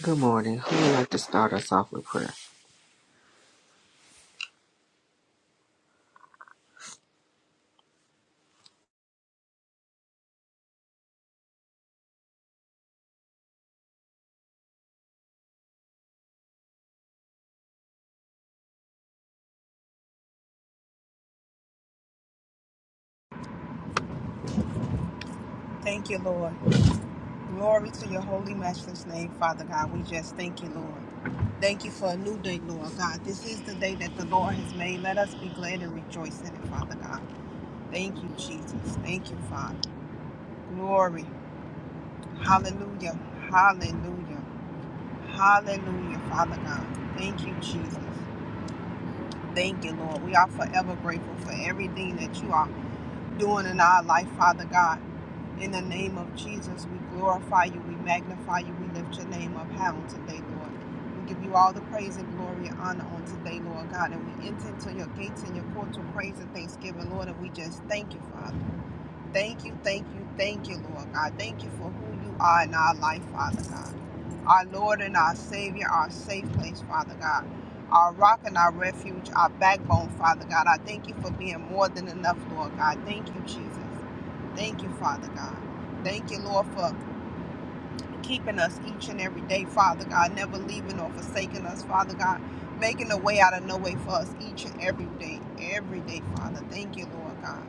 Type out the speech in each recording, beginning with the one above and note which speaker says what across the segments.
Speaker 1: Good morning. Who would like to start us off with prayer?
Speaker 2: Thank you, Lord. Glory to your holy matchless name, Father God. We just thank you, Lord. Thank you for a new day, Lord God. This is the day that the Lord has made. Let us be glad and rejoice in it, Father God. Thank you, Jesus. Thank you, Father. Glory. Hallelujah. Hallelujah. Hallelujah, Father God. Thank you, Jesus. Thank you, Lord. We are forever grateful for everything that you are doing in our life, Father God. In the name of Jesus, we glorify you, we magnify you, we lift your name up high on today, Lord. We give you all the praise and glory and honor on today, Lord God. And we enter into your gates and your courts with praise and thanksgiving, Lord. And we just thank you, Father. Thank you, thank you, thank you, Lord God. Thank you for who you are in our life, Father God. Our Lord and our Savior, our safe place, Father God. Our rock and our refuge, our backbone, Father God. I thank you for being more than enough, Lord God. Thank you, Jesus. Thank you, Father God. Thank you, Lord, for keeping us each and every day, Father God, never leaving or forsaking us, Father God, making a way out of no way for us each and every day, every day, Father. Thank you, Lord God.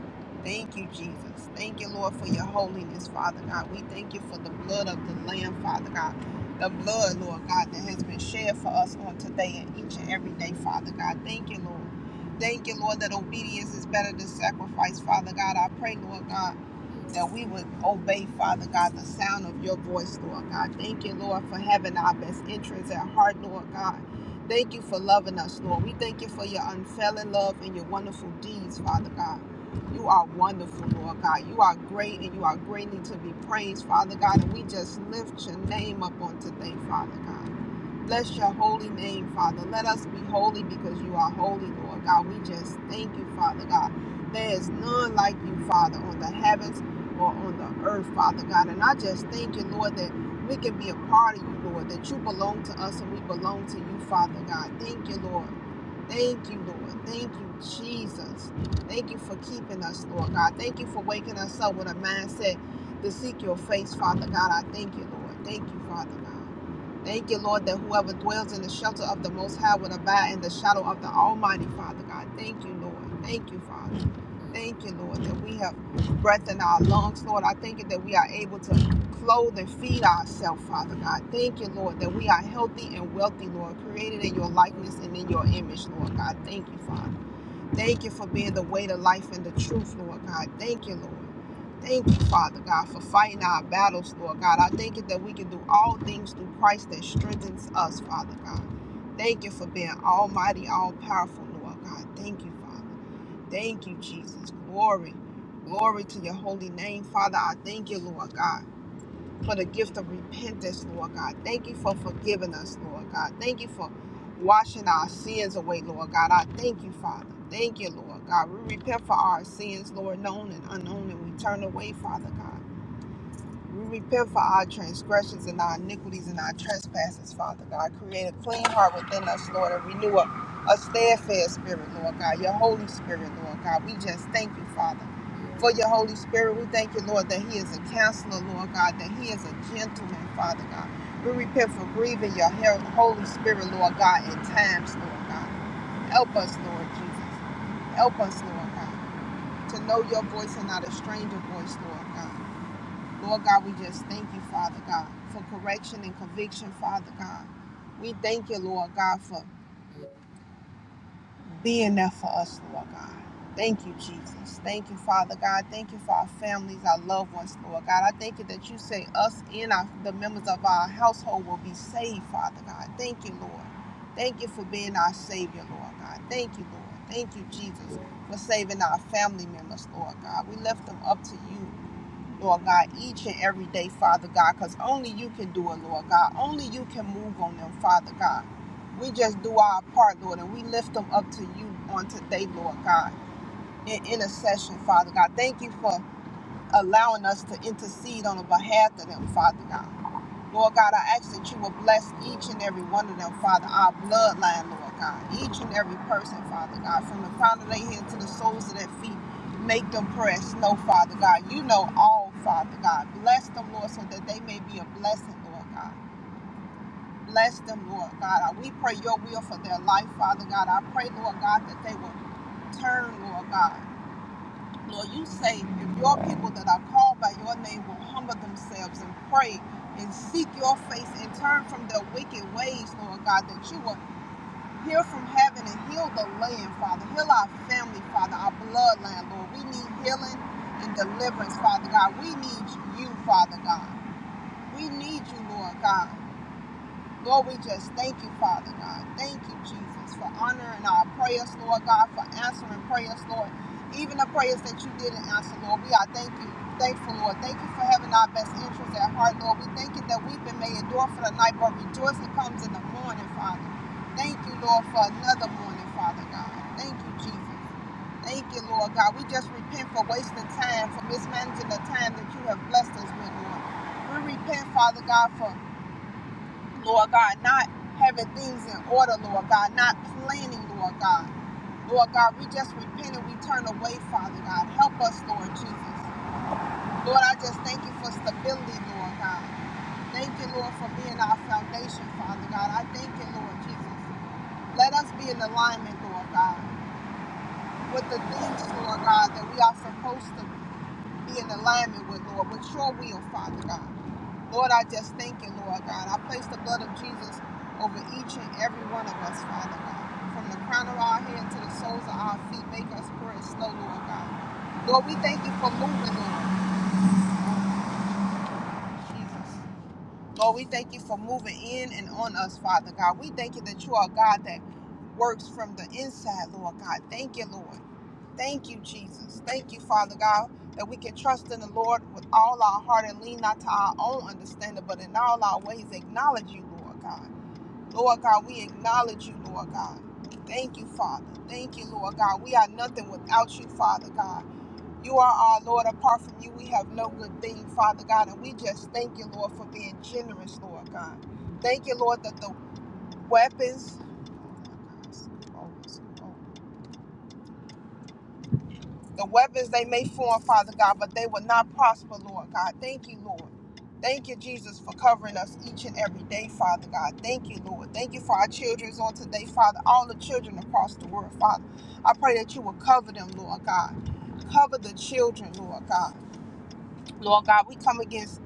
Speaker 2: Thank you, Jesus. Thank you, Lord, for your holiness, Father God. We thank you for the blood of the Lamb, Father God. The blood, Lord God, that has been shed for us on today and each and every day, Father God. Thank you, Lord. Thank you, Lord, that obedience is better than sacrifice, Father God. I pray, Lord God that we would obey, Father God, the sound of your voice, Lord God. Thank you, Lord, for having our best interests at heart, Lord God. Thank you for loving us, Lord. We thank you for your unfailing love and your wonderful deeds, Father God. You are wonderful, Lord God. You are great and you are greatly to be praised, Father God. And we just lift your name up on today, Father God. Bless your holy name, Father. Let us be holy because you are holy, Lord God. We just thank you, Father God. There is none like you, Father, on the heavens or on the earth, Father God. And I just thank you, Lord, that we can be a part of you, Lord, that you belong to us and we belong to you, Father God. Thank you, Lord. Thank you, Lord. Thank you, Jesus. Thank you for keeping us, Lord God. Thank you for waking us up with a mindset to seek your face, Father God. I thank you, Lord. Thank you, Father God. Thank you, Lord, that whoever dwells in the shelter of the Most High will abide in the shadow of the Almighty, Father God. Thank you, Lord. Thank you, Father. Thank you, Lord, that we have breath in our lungs, Lord. I thank you that we are able to clothe and feed ourselves, Father God. Thank you, Lord, that we are healthy and wealthy, Lord, created in your likeness and in your image, Lord God. Thank you, Father. Thank you for being the way, the life, and the truth, Lord God. Thank you, Lord. Thank you, Father God, for fighting our battles, Lord God. I thank you that we can do all things through Christ that strengthens us, Father God. Thank you for being almighty, all powerful, Lord God. Thank you, Father. Thank you, Jesus. Glory. Glory to your holy name. Father, I thank you, Lord God, for the gift of repentance, Lord God. Thank you for forgiving us, Lord God. Thank you for washing our sins away, Lord God. I thank you, Father. Thank you, Lord God. We repent for our sins, Lord, known and unknown, and we turn away, Father God. We repent for our transgressions and our iniquities and our trespasses, Father God. Create a clean heart within us, Lord, and renew a, a steadfast spirit, Lord God. Your Holy Spirit, Lord God. We just thank you, Father, for your Holy Spirit. We thank you, Lord, that He is a counselor, Lord God, that He is a gentleman, Father God. We repent for grieving your Holy Spirit, Lord God, at times, Lord God. Help us, Lord Jesus. Help us, Lord God, to know your voice and not a stranger voice, Lord God. Lord God, we just thank you, Father God, for correction and conviction, Father God. We thank you, Lord God, for being there for us, Lord God. Thank you, Jesus. Thank you, Father God. Thank you for our families, our loved ones, Lord God. I thank you that you say us and our, the members of our household will be saved, Father God. Thank you, Lord. Thank you for being our Savior, Lord God. Thank you, Lord. Thank you, Jesus, for saving our family members, Lord God. We lift them up to you Lord God, each and every day, Father God, because only you can do it, Lord God. Only you can move on them, Father God. We just do our part, Lord, and we lift them up to you on today, Lord God, in intercession, Father God. Thank you for allowing us to intercede on the behalf of them, Father God. Lord God, I ask that you will bless each and every one of them, Father, our bloodline, Lord God. Each and every person, Father God, from the crown of their head to the soles of their feet, make them press. No, Father God, you know all, Father God. Bless them, Lord, so that they may be a blessing, Lord God. Bless them, Lord God. We pray your will for their life, Father God. I pray, Lord God, that they will turn, Lord God. Lord, you say if your people that are called by your name will humble themselves and pray and seek your face and turn from their wicked ways, Lord God, that you will hear from heaven and heal the land, Father. Heal our family, Father, our bloodline, Lord. We need healing and deliverance, Father God. We need you, Father God. We need you, Lord God. Lord, we just thank you, Father God. Thank you, Jesus, for honoring our prayers, Lord God, for answering prayers, Lord. Even the prayers that you didn't answer, Lord, we are thank you, thankful, Lord. Thank you for having our best interests at heart, Lord. We thank you that we've been made endure for the night, but rejoicing comes in the morning, Father. Thank you, Lord, for another morning, Father God. Thank you, Jesus. Thank you, Lord God. We just repent for wasting time, for mismanaging the time that you have blessed us with, Lord. We repent, Father God, for Lord God, not having things in order, Lord God, not planning, Lord God. Lord God, we just repent and we turn away, Father God. Help us, Lord Jesus. Lord, I just thank you for stability, Lord God. Thank you, Lord, for being our foundation, Father God. I thank you, Lord Jesus. Let us be in alignment, Lord God, with the things, Lord God, that we are supposed to be in alignment with, Lord, with your will, Father God. Lord, I just thank you, Lord God. I place the blood of Jesus over each and every one of us, Father God. From the crown of our head to the soles of our feet, make us pray slow, Lord God. Lord, we thank you for moving, Lord. Jesus. Lord, we thank you for moving in and on us, Father God. We thank you that you are a God that works from the inside, Lord God. Thank you, Lord. Thank you, Jesus. Thank you, Father God, that we can trust in the Lord with all our heart and lean not to our own understanding, but in all our ways acknowledge you, Lord God. Lord God, we acknowledge you, Lord God. Thank you, Father. Thank you, Lord God. We are nothing without you, Father God. You are our Lord. Apart from you, we have no good thing, Father God. And we just thank you, Lord, for being generous, Lord God. Thank you, Lord, that the weapons The weapons they may form, Father God, but they will not prosper, Lord God. Thank you, Lord. Thank you, Jesus, for covering us each and every day, Father God. Thank you, Lord. Thank you for our children's on today, Father. All the children across the world, Father. I pray that you will cover them, Lord God. Cover the children, Lord God. Lord God, we come against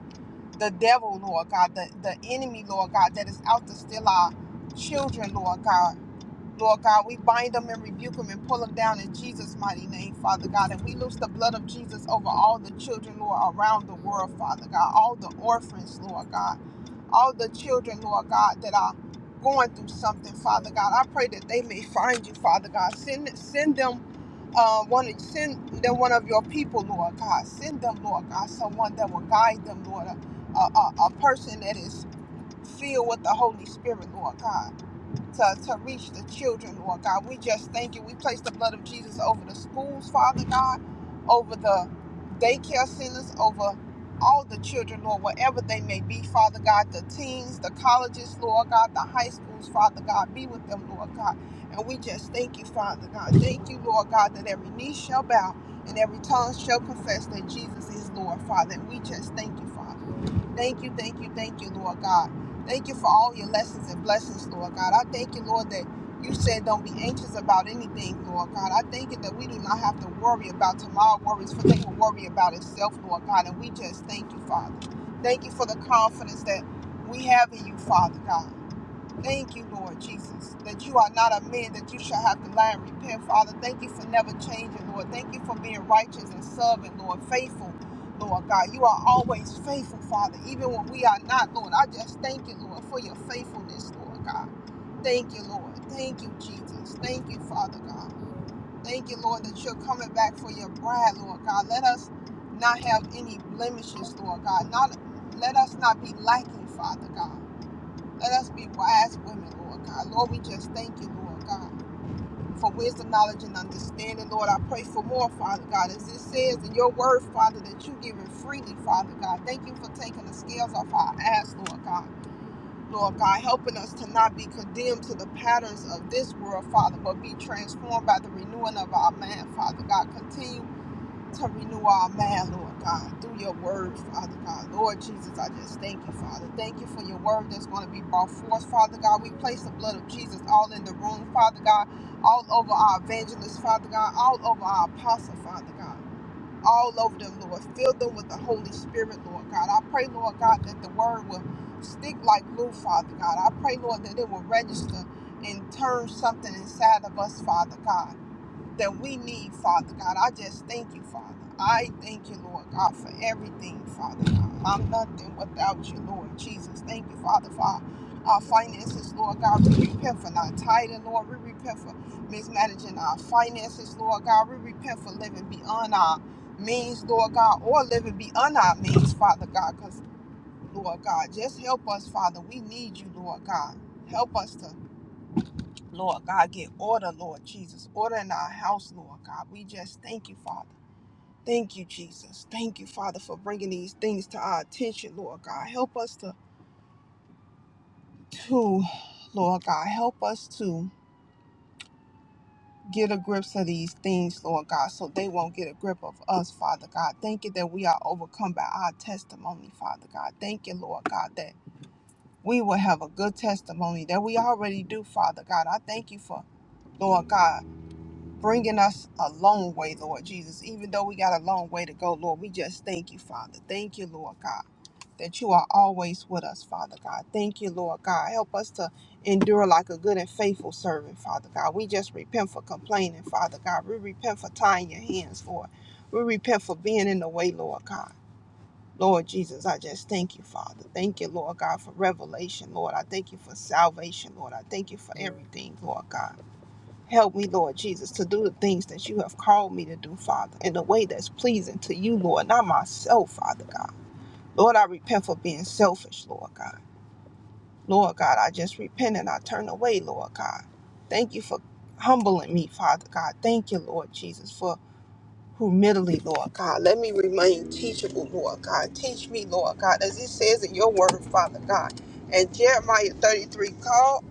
Speaker 2: the devil, Lord God, the, the enemy, Lord God, that is out to steal our children, Lord God. Lord God, we bind them and rebuke them and pull them down in Jesus' mighty name, Father God. And we loose the blood of Jesus over all the children, Lord, around the world, Father God. All the orphans, Lord God. All the children, Lord God, that are going through something, Father God. I pray that they may find you, Father God. Send send them uh, one send them one of your people, Lord God. Send them, Lord God, someone that will guide them, Lord. a, a a person that is filled with the Holy Spirit, Lord God to, to reach the children, Lord God. We just thank you. We place the blood of Jesus over the schools, Father God, over the daycare centers, over all the children, Lord, wherever they may be, Father God, the teens, the colleges, Lord God, the high schools, Father God, be with them, Lord God. And we just thank you, Father God. Thank you, Lord God, that every knee shall bow and every tongue shall confess that Jesus is Lord, Father. And we just thank you, Father. Thank you, thank you, thank you, Lord God. Thank you for all your lessons and blessings, Lord God. I thank you, Lord, that you said don't be anxious about anything, Lord God. I thank you that we do not have to worry about tomorrow worries, for they will worry about itself, Lord God. And we just thank you, Father. Thank you for the confidence that we have in you, Father God. Thank you, Lord Jesus, that you are not a man that you shall have to lie and repent, Father. Thank you for never changing, Lord. Thank you for being righteous and serving, Lord, faithful, Lord God. You are always faithful, Father, even when we are not, Lord. I just thank you, Lord, for your faithfulness, Lord God. Thank you, Lord. Thank you, Jesus. Thank you, Father God. Thank you, Lord, that you're coming back for your bride, Lord God. Let us not have any blemishes, Lord God. Not let us not be lacking, Father God. Let us be wise women, Lord God. Lord, we just thank you, Lord God, for wisdom, knowledge, and understanding. Lord, I pray for more, Father God. As it says in your word, Father, that you give it freely, Father God. Thank you for taking the scales off our eyes, Lord God. Lord God, helping us to not be condemned to the patterns of this world, Father, but be transformed by the renewing of our mind, Father God. Continue to renew our mind, Lord God, through your word, Father God. Lord Jesus, I just thank you, Father. Thank you for your word that's going to be brought forth, Father God. We place the blood of Jesus all in the room, Father God, all over our evangelists, Father God, all over our apostle, Father God. All over them, Lord. Fill them with the Holy Spirit, Lord God. I pray, Lord God, that the word will stick like glue, Father God. I pray, Lord, that it will register and turn something inside of us, Father God that we need, Father God. I just thank you, Father. I thank you, Lord God, for everything, Father God. I'm nothing without you, Lord Jesus. Thank you, Father, for our our finances, Lord God. We repent for not tithing, Lord. We repent for mismanaging our finances, Lord God. We repent for living beyond our means, Lord God, or living beyond our means, Father God, because, Lord God, just help us, Father. We need you, Lord God. Help us to Lord God, get order, Lord Jesus. Order in our house, Lord God. We just thank you, Father. Thank you, Jesus. Thank you, Father, for bringing these things to our attention, Lord God. Help us to, to Lord God, help us to get a grip of these things, Lord God, so they won't get a grip of us, Father God. Thank you that we are overcome by our testimony, Father God. Thank you, Lord God, that we will have a good testimony that we already do, Father God. I thank you for, Lord God. bringing us a long way, Lord Jesus. Even though we got a long way to go, Lord, we just thank you, Father. Thank you, Lord God, that you are always with us, Father God. Thank you, Lord God. Help us to endure like a good and faithful servant, Father God. We just repent for complaining, Father God. We repent for tying your hands, Lord. We repent for being in the way, Lord God. Lord Jesus, I just thank you, Father. Thank you, Lord God, for revelation, Lord. I thank you for salvation, Lord. I thank you for everything, Lord God. Help me, Lord Jesus, to do the things that you have called me to do, Father, in a way that's pleasing to you, Lord, not myself, Father God. Lord, I repent for being selfish, Lord God. Lord God, I just repent and I turn away, Lord God. Thank you for humbling me, Father God. Thank you, Lord Jesus, for humility, Lord God. Let me remain teachable, Lord God. Teach me, Lord God, as it says in your word, Father God. And Jeremiah 33 call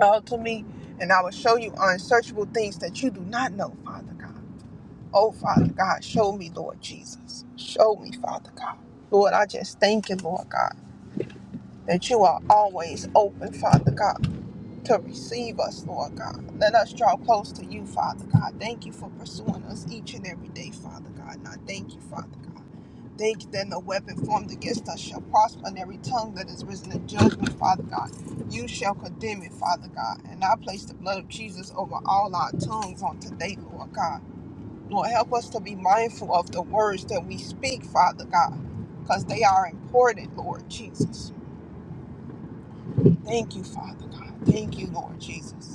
Speaker 2: uh, to me, and I will show you unsearchable things that you do not know, Father God. Oh, Father God, show me, Lord Jesus. Show me, Father God. Lord, I just thank you, Lord God, that you are always open, Father God to receive us, Lord God. Let us draw close to you, Father God. Thank you for pursuing us each and every day, Father God. And I thank you, Father God. Thank you that no weapon formed against us shall prosper, and every tongue that is risen in judgment, Father God, you shall condemn it, Father God. And I place the blood of Jesus over all our tongues on today, Lord God. Lord, help us to be mindful of the words that we speak, Father God, because they are important, Lord Jesus. Thank you, Father God. Thank you, Lord Jesus.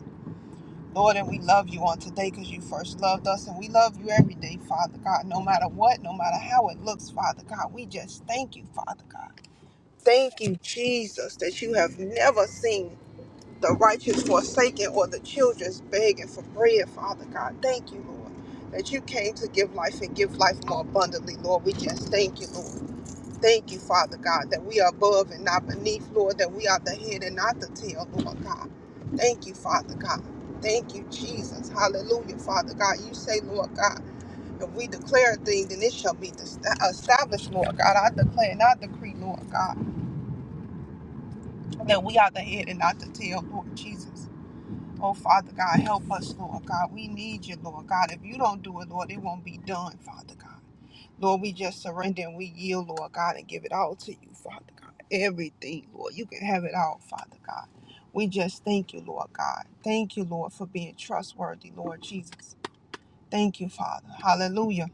Speaker 2: Lord, and we love you on today because you first loved us, and we love you every day, Father God. No matter what, no matter how it looks, Father God, we just thank you, Father God. Thank you, Jesus, that you have never seen the righteous forsaken or the children's begging for bread, Father God. Thank you, Lord, that you came to give life and give life more abundantly, Lord. We just thank you, Lord. Thank you, Father God, that we are above and not beneath, Lord, that we are the head and not the tail, Lord God. Thank you, Father God. Thank you, Jesus. Hallelujah, Father God. You say, Lord God, if we declare a thing, then it shall be established, Lord God. I declare and I decree, Lord God, that we are the head and not the tail, Lord Jesus. Oh, Father God, help us, Lord God. We need you, Lord God. If you don't do it, Lord, it won't be done, Father God. Lord, we just surrender and we yield, Lord God, and give it all to you, Father God. Everything, Lord. You can have it all, Father God. We just thank you, Lord God. Thank you, Lord, for being trustworthy, Lord Jesus. Thank you, Father. Hallelujah.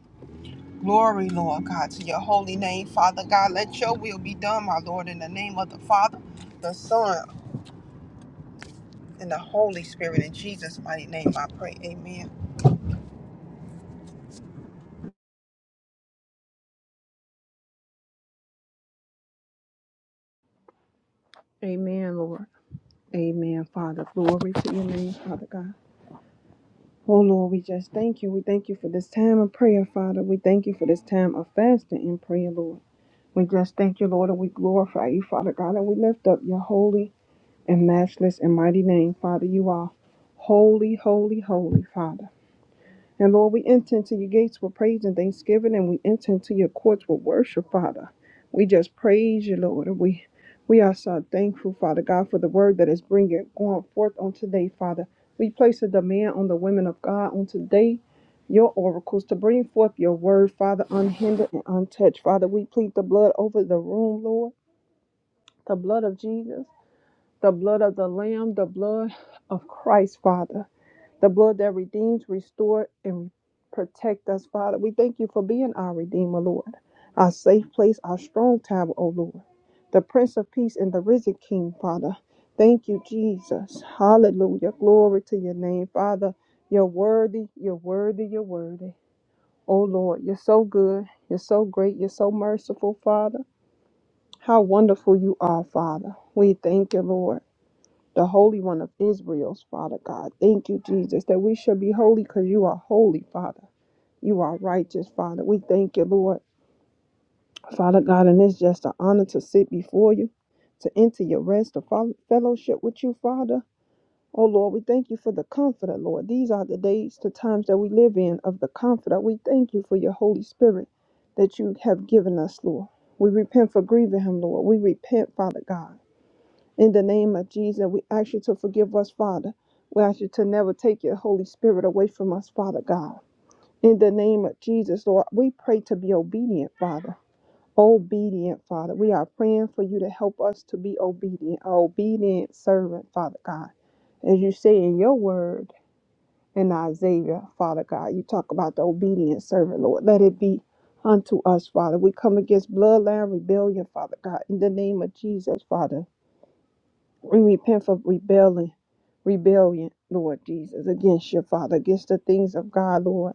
Speaker 2: Glory, Lord God, to your holy name, Father God. Let your will be done, my Lord, in the name of the Father, the Son, and the Holy Spirit. In Jesus' mighty name, I pray. Amen.
Speaker 3: Amen, Lord. Amen, Father. Glory to your name, Father God. Oh, Lord, we just thank you. We thank you for this time of prayer, Father. We thank you for this time of fasting and prayer, Lord. We just thank you, Lord, and we glorify you, Father God, and we lift up your holy and matchless and mighty name, Father. You are holy, holy, holy, Father. And Lord, we enter into your gates with praise and thanksgiving, and we enter into your courts with worship, Father. We just praise you, Lord. and We we are so thankful, Father God, for the word that is bringing going forth on today, Father. We place a demand on the women of God on today, your oracles, to bring forth your word, Father, unhindered and untouched. Father, we plead the blood over the room, Lord, the blood of Jesus the blood of the Lamb, the blood of Christ, Father, the blood that redeems, restores, and protect us, Father. We thank you for being our Redeemer, Lord, our safe place, our strong tower, O Lord, the Prince of Peace and the risen King, Father. Thank you, Jesus. Hallelujah. Glory to your name, Father. You're worthy, you're worthy, you're worthy. Oh Lord, you're so good, you're so great, you're so merciful, Father. How wonderful you are, Father. We thank you, Lord the Holy One of Israel's, Father God. Thank you, Jesus, that we should be holy because you are holy, Father. You are righteous, Father. We thank you, Lord. Father God, and it's just an honor to sit before you, to enter your rest, to follow, fellowship with you, Father. Oh Lord, we thank you for the comforter, Lord. These are the days, the times that we live in of the comforter. We thank you for your Holy Spirit that you have given us, Lord. We repent for grieving him, Lord. We repent, Father God. In the name of Jesus, we ask you to forgive us, Father. We ask you to never take your Holy Spirit away from us, Father God. In the name of Jesus, Lord, we pray to be obedient, Father. Obedient, Father. We are praying for you to help us to be obedient, a obedient servant, Father God. As you say in your word in Isaiah, Father God, you talk about the obedient servant, Lord. Let it be unto us, Father. We come against bloodline rebellion, Father God. In the name of Jesus, Father. We repent for rebellion, rebellion, Lord Jesus, against your Father, against the things of God, Lord.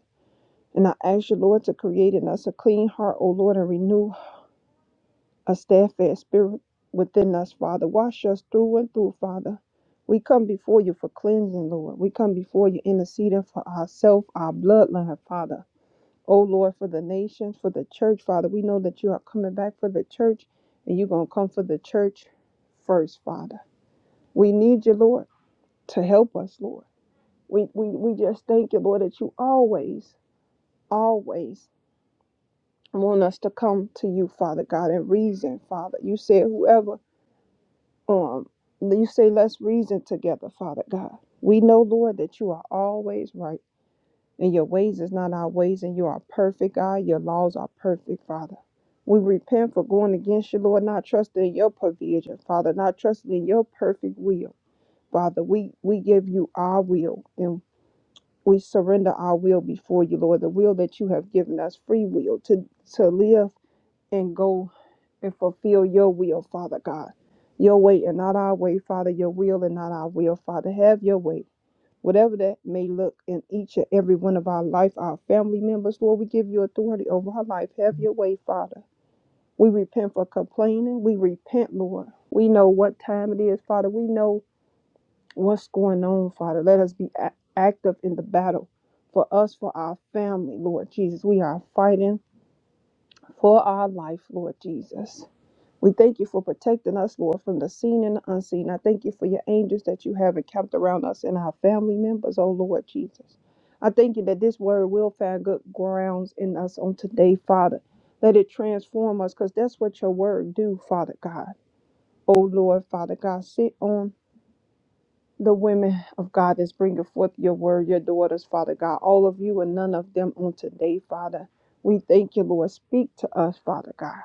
Speaker 3: And I ask you, Lord, to create in us a clean heart, O Lord, and renew a steadfast spirit within us, Father. Wash us through and through, Father. We come before you for cleansing, Lord. We come before you interceding for ourselves, our bloodline, Father. O Lord, for the nations, for the church, Father. We know that you are coming back for the church, and you're going to come for the church first, Father. We need you, Lord to help us, Lord. We, we, we just thank you, Lord, that you always, always want us to come to you, Father God, and reason, Father. You said, whoever, um, you say, let's reason together, Father God. We know, Lord, that you are always right, and your ways is not our ways, and you are perfect, God. Your laws are perfect, Father. We repent for going against you, Lord, not trusting in your provision, Father, not trusting in your perfect will. Father, we, we give you our will, and. we surrender our will before you, Lord, the will that you have given us, free will to, to live and go and fulfill your will, Father God. Your way and not our way, Father, your will and not our will, Father. Have your way. Whatever that may look in each and every one of our life, our family members, Lord, we give you authority over our life. Have your way, Father. We repent for complaining. We repent, Lord. We know what time it is, Father. We know what's going on, Father. Let us be a- active in the battle for us, for our family, Lord Jesus. We are fighting for our life, Lord Jesus. We thank you for protecting us, Lord, from the seen and the unseen. I thank you for your angels that you have encamped around us and our family members, oh Lord Jesus. I thank you that this word will find good grounds in us on today, Father. Let it transform us, because that's what your word do, Father God. Oh Lord, Father God, sit on the women of God that's bringing forth your word, your daughters, Father God, all of you and none of them on today, Father. We thank you, Lord. Speak to us, Father God.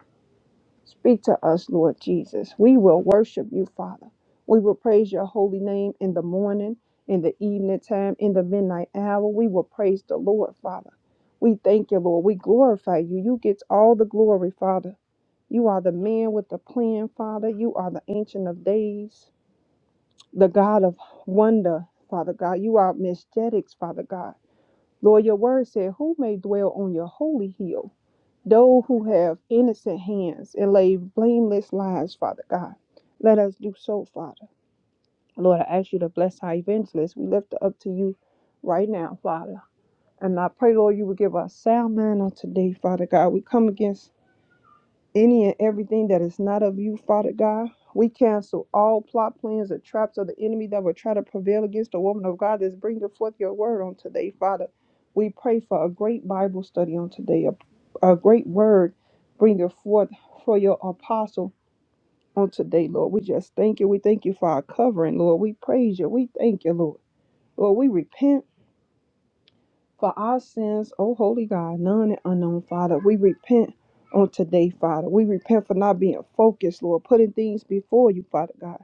Speaker 3: Speak to us, Lord Jesus. We will worship you, Father. We will praise your holy name in the morning, in the evening time, in the midnight hour. We will praise the Lord, Father. We thank you, Lord. We glorify you. You get all the glory, Father. You are the man with the plan, Father. You are the ancient of days the God of wonder, Father God. You are majestic, Father God. Lord, your word said, Who may dwell on your holy hill? Those who have innocent hands and lay blameless lives, Father God. Let us do so, Father. Lord, I ask you to bless our evangelists. We lift it up to you right now, Father. And I pray, Lord, you will give us sound mind on today, Father God. We come against any and everything that is not of you, Father God, we cancel all plot plans and traps of the enemy that would try to prevail against the woman of God that's bringing forth your word on today, Father. We pray for a great Bible study on today, a, a great word bringing forth for your apostle on today, Lord. We just thank you. We thank you for our covering, Lord. We praise you. We thank you, Lord. Lord, we repent for our sins, O holy God, none and unknown, Father. We repent on today, Father. We repent for not being focused, Lord, putting things before you, Father God.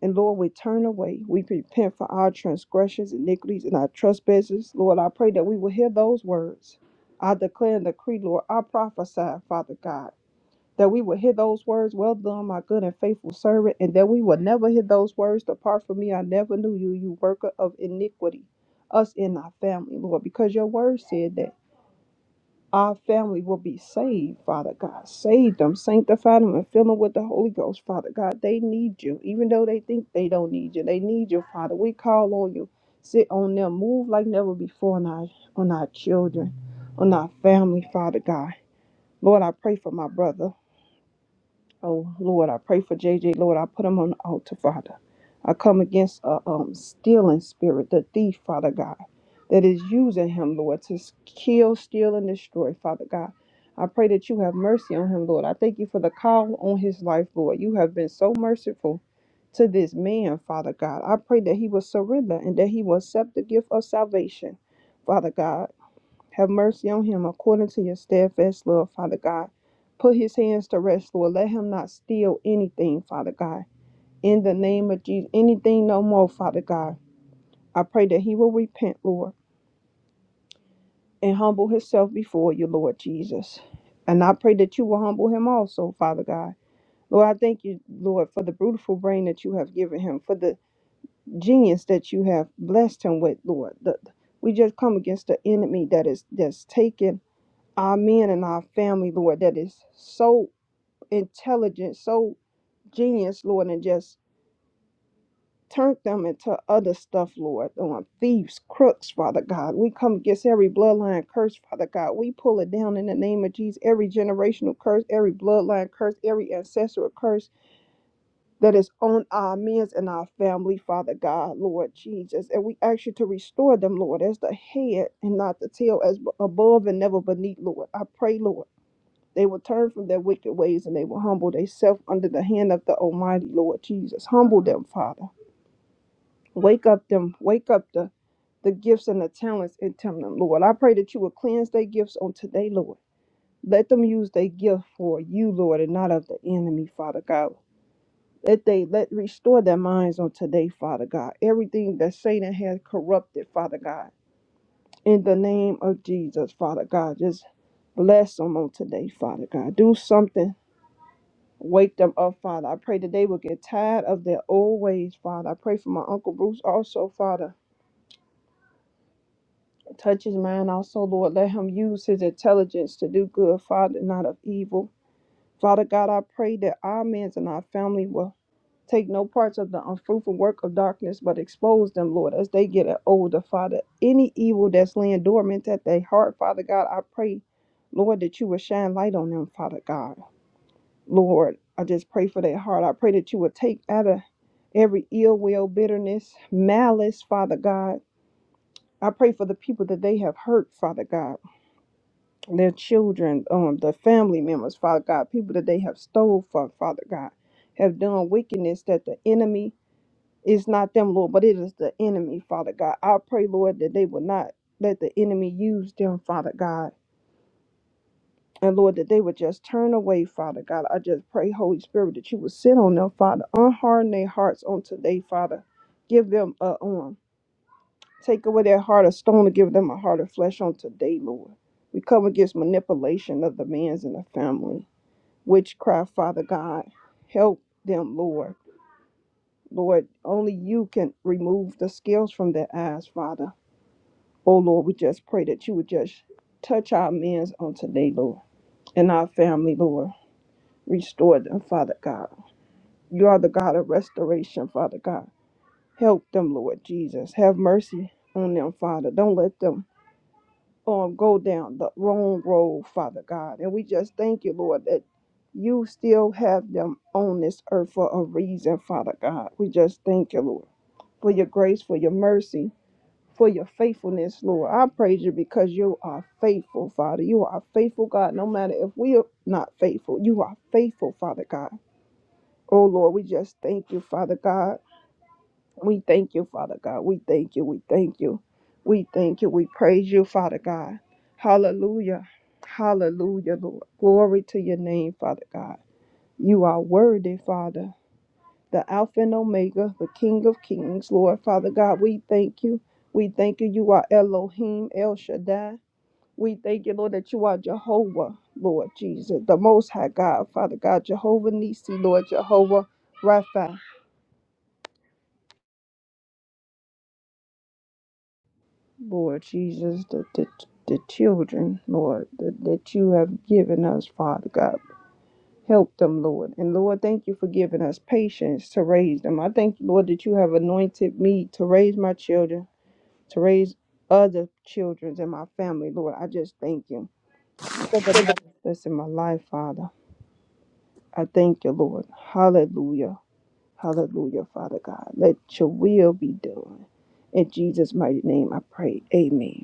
Speaker 3: And Lord, we turn away. We repent for our transgressions, iniquities, and our trespasses. Lord, I pray that we will hear those words. I declare and decree, Lord, I prophesy, Father God that we would hear those words, Well done, my good and faithful servant, and that we would never hear those words, Depart from me, I never knew you, you worker of iniquity, us and our family, Lord, because your word said that our family will be saved, Father God. Save them, sanctify them, and fill them with the Holy Ghost, Father God. They need you, even though they think they don't need you. They need you, Father. We call on you. Sit on them, move like never before on our, on our children, on our family, Father God. Lord, I pray for my brother. Oh Lord, I pray for J J. Lord, I put him on the altar, Father. I come against a um, stealing spirit, the thief, Father God, that is using him, Lord, to s- kill, steal, and destroy, Father God. I pray that you have mercy on him, Lord. I thank you for the call on his life, Lord. You have been so merciful to this man, Father God. I pray that he will surrender and that he will accept the gift of salvation, Father God. Have mercy on him according to your steadfast love, Father God. Put his hands to rest, Lord. Let him not steal anything, Father God. In the name of Jesus, anything no more, Father God. I pray that he will repent, Lord, and humble himself before you, Lord Jesus. And I pray that you will humble him also, Father God. Lord, I thank you, Lord, for the beautiful brain that you have given him, for the genius that you have blessed him with, Lord. The- we just come against the enemy that is that's taken our men and our family, Lord, that is so intelligent, so genius, Lord, and just turned them into other stuff, Lord, on thieves, crooks, Father God. We come against every bloodline curse, Father God. We pull it down in the name of Jesus, every generational curse, every bloodline curse, every ancestral curse that is on our men and our family, Father God, Lord Jesus. And we ask you to restore them, Lord, as the head and not the tail, as above and never beneath, Lord. I pray, Lord They will turn from their wicked ways and they will humble themselves under the hand of the Almighty Lord Jesus. Humble them, Father. Wake up them, wake up the, the gifts and the talents in them, Lord. I pray that you will cleanse their gifts on today, Lord. Let them use their gift for you, Lord, and not of the enemy, Father God. Let they let restore their minds on today, Father God. Everything that Satan has corrupted, Father God. In the name of Jesus, Father God, just bless them on today, Father God. Do something Wake them up, Father. I pray that they will get tired of their old ways, Father. I pray for my Uncle Bruce also, Father. Touch his mind also, Lord. Let him use his intelligence to do good, Father, not of evil. Father God, I pray that our men and our family will take no parts of the unfruitful work of darkness, but expose them, Lord, as they get older, Father. Any evil that's laying dormant at their heart, Father God, I pray, Lord, that you will shine light on them, Father God. Lord, I just pray for their heart. I pray that you would take out of every ill will, bitterness, malice, Father God. I pray for the people that they have hurt, Father God, their children, um, their family members, Father God, people that they have stole from, Father God, have done wickedness that the enemy is not them, Lord, but it is the enemy, Father God. I pray, Lord, that they will not let the enemy use them, Father God And Lord, that they would just turn away, Father God. I just pray, Holy Spirit, that you would sit on them, Father. Unharden their hearts on today, Father. Give them a um, take away their heart of stone and give them a heart of flesh on today, Lord. We come against manipulation of the man's and the family. Witchcraft, Father God. Help them, Lord. Lord, only you can remove the scales from their eyes, Father. Oh Lord, we just pray that you would just touch our men's on today, Lord, and our family, Lord. Restore them, Father God. You are the God of restoration, Father God. Help them, Lord Jesus. Have mercy on them, Father. Don't let them um, go down the wrong road, Father God. And we just thank you, Lord, that you still have them on this earth for a reason, Father God. We just thank you, Lord, for your grace, for your mercy, for your faithfulness, Lord. I praise you because you are faithful, Father. You are a faithful, God. No matter if we are not faithful, you are faithful, Father God. Oh Lord, we just thank you, Father God. We thank you, Father God. We thank you. We thank you. We thank you. We praise you, Father God. Hallelujah. Hallelujah, Lord. Glory to your name, Father God. You are worthy, Father. The Alpha and Omega, the King of Kings, Lord, Father God. We thank you. We thank you. You are Elohim, El Shaddai. We thank you, Lord, that you are Jehovah, Lord Jesus, the Most High God, Father God, Jehovah Nisi, Lord, Jehovah Rapha. Lord Jesus, the, the, the children, Lord, that, that you have given us, Father God. Help them, Lord. And Lord, thank you for giving us patience to raise them. I thank you, Lord, that you have anointed me to raise my children, to raise other children in my family, Lord. I just thank you. That's in my life, Father. I thank you, Lord. Hallelujah. Hallelujah, Father God. Let your will be done. In Jesus' mighty name, I pray. Amen.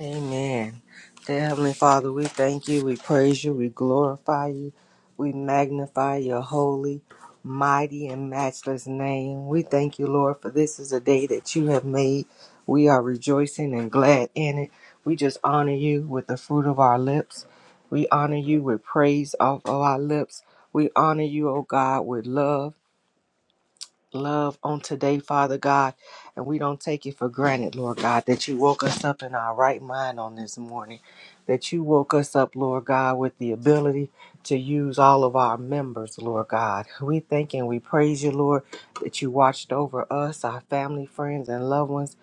Speaker 1: Amen. Dear Heavenly Father, we thank you, we praise you, we glorify you, we magnify your holy, mighty, and matchless name. We thank you, Lord, for this is a day that you have made. We are rejoicing and glad in it. We just honor you with the fruit of our lips. We honor you with praise off of our lips. We honor you, O God, with love. love on today, Father God. And we don't take it for granted, Lord God, that you woke us up in our right mind on this morning. That you woke us up, Lord God, with the ability to use all of our members, Lord God. We thank and we praise you, Lord, that you watched over us, our family, friends, and loved ones.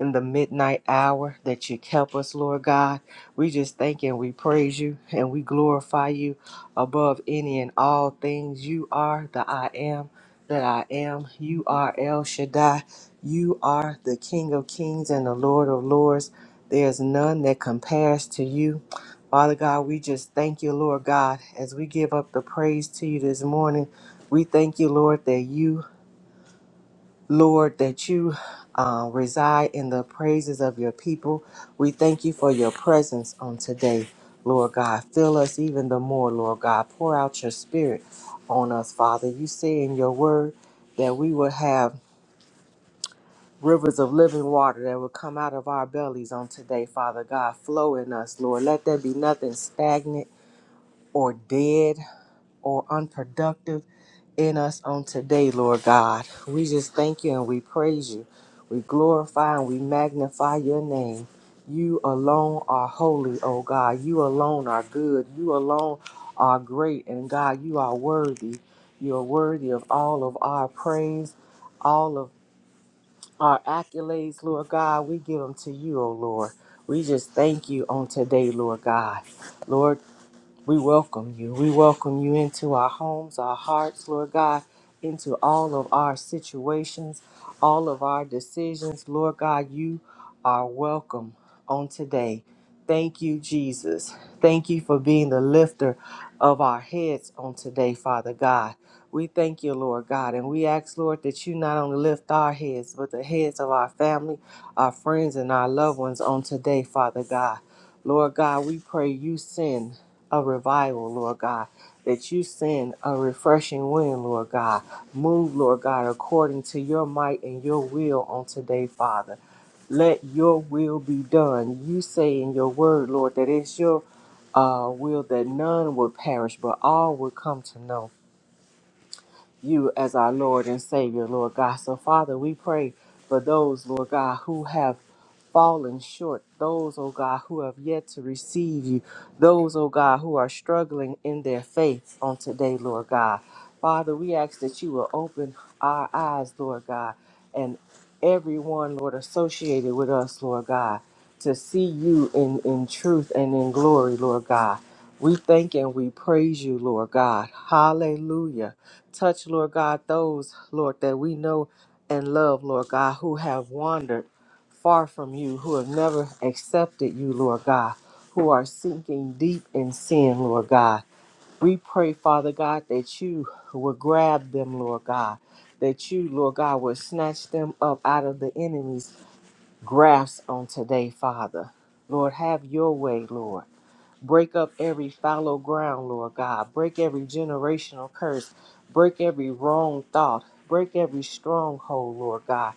Speaker 1: In the midnight hour that you kept us, Lord God, we just thank and we praise you and we glorify you above any and all things. You are the I am that I am. You are El Shaddai. You are the King of kings and the Lord of lords. There's none that compares to you. Father God, we just thank you, Lord God, as we give up the praise to you this morning. We thank you, Lord, that you Lord, that you uh, reside in the praises of your people. We thank you for your presence on today, Lord God. Fill us even the more, Lord God. Pour out your spirit on us, Father. You say in your word that we will have rivers of living water that will come out of our bellies on today, Father God. Flow in us, Lord. Let there be nothing stagnant or dead or unproductive in us on today, Lord God. We just thank you and we praise you. We glorify and we magnify your name. You alone are holy, oh God. You alone are good. You alone are great. And God, you are worthy. You are worthy of all of our praise, all of our accolades, Lord God. We give them to you, oh Lord. We just thank you on today, Lord God. Lord we welcome you. We welcome you into our homes, our hearts, Lord God, into all of our situations, all of our decisions. Lord God, you are welcome on today. Thank you, Jesus. Thank you for being the lifter of our heads on today, Father God. We thank you, Lord God, and we ask, Lord, that you not only lift our heads, but the heads of our family, our friends, and our loved ones on today, Father God. Lord God, we pray you send a revival, Lord God, that you send a refreshing wind, Lord God. Move, Lord God, according to your might and your will on today, Father. Let your will be done. You say in your word, Lord, that it's your uh, will that none would perish, but all would come to know you as our Lord and Savior, Lord God. So, Father, we pray for those, Lord God, who have fallen short, those, oh God, who have yet to receive you, those, oh God, who are struggling in their faith on today, Lord God. Father, we ask that you will open our eyes, Lord God, and everyone, Lord, associated with us, Lord God, to see you in, in truth and in glory, Lord God. We thank and we praise you, Lord God. Hallelujah. Touch, Lord God, those, Lord, that we know and love, Lord God, who have wandered far from you, who have never accepted you, Lord God, who are sinking deep in sin, Lord God. We pray, Father God, that you will grab them, Lord God, that you, Lord God, will snatch them up out of the enemy's grasp on today, Father. Lord, have your way, Lord. Break up every fallow ground, Lord God. Break every generational curse. Break every wrong thought. Break every stronghold, Lord God.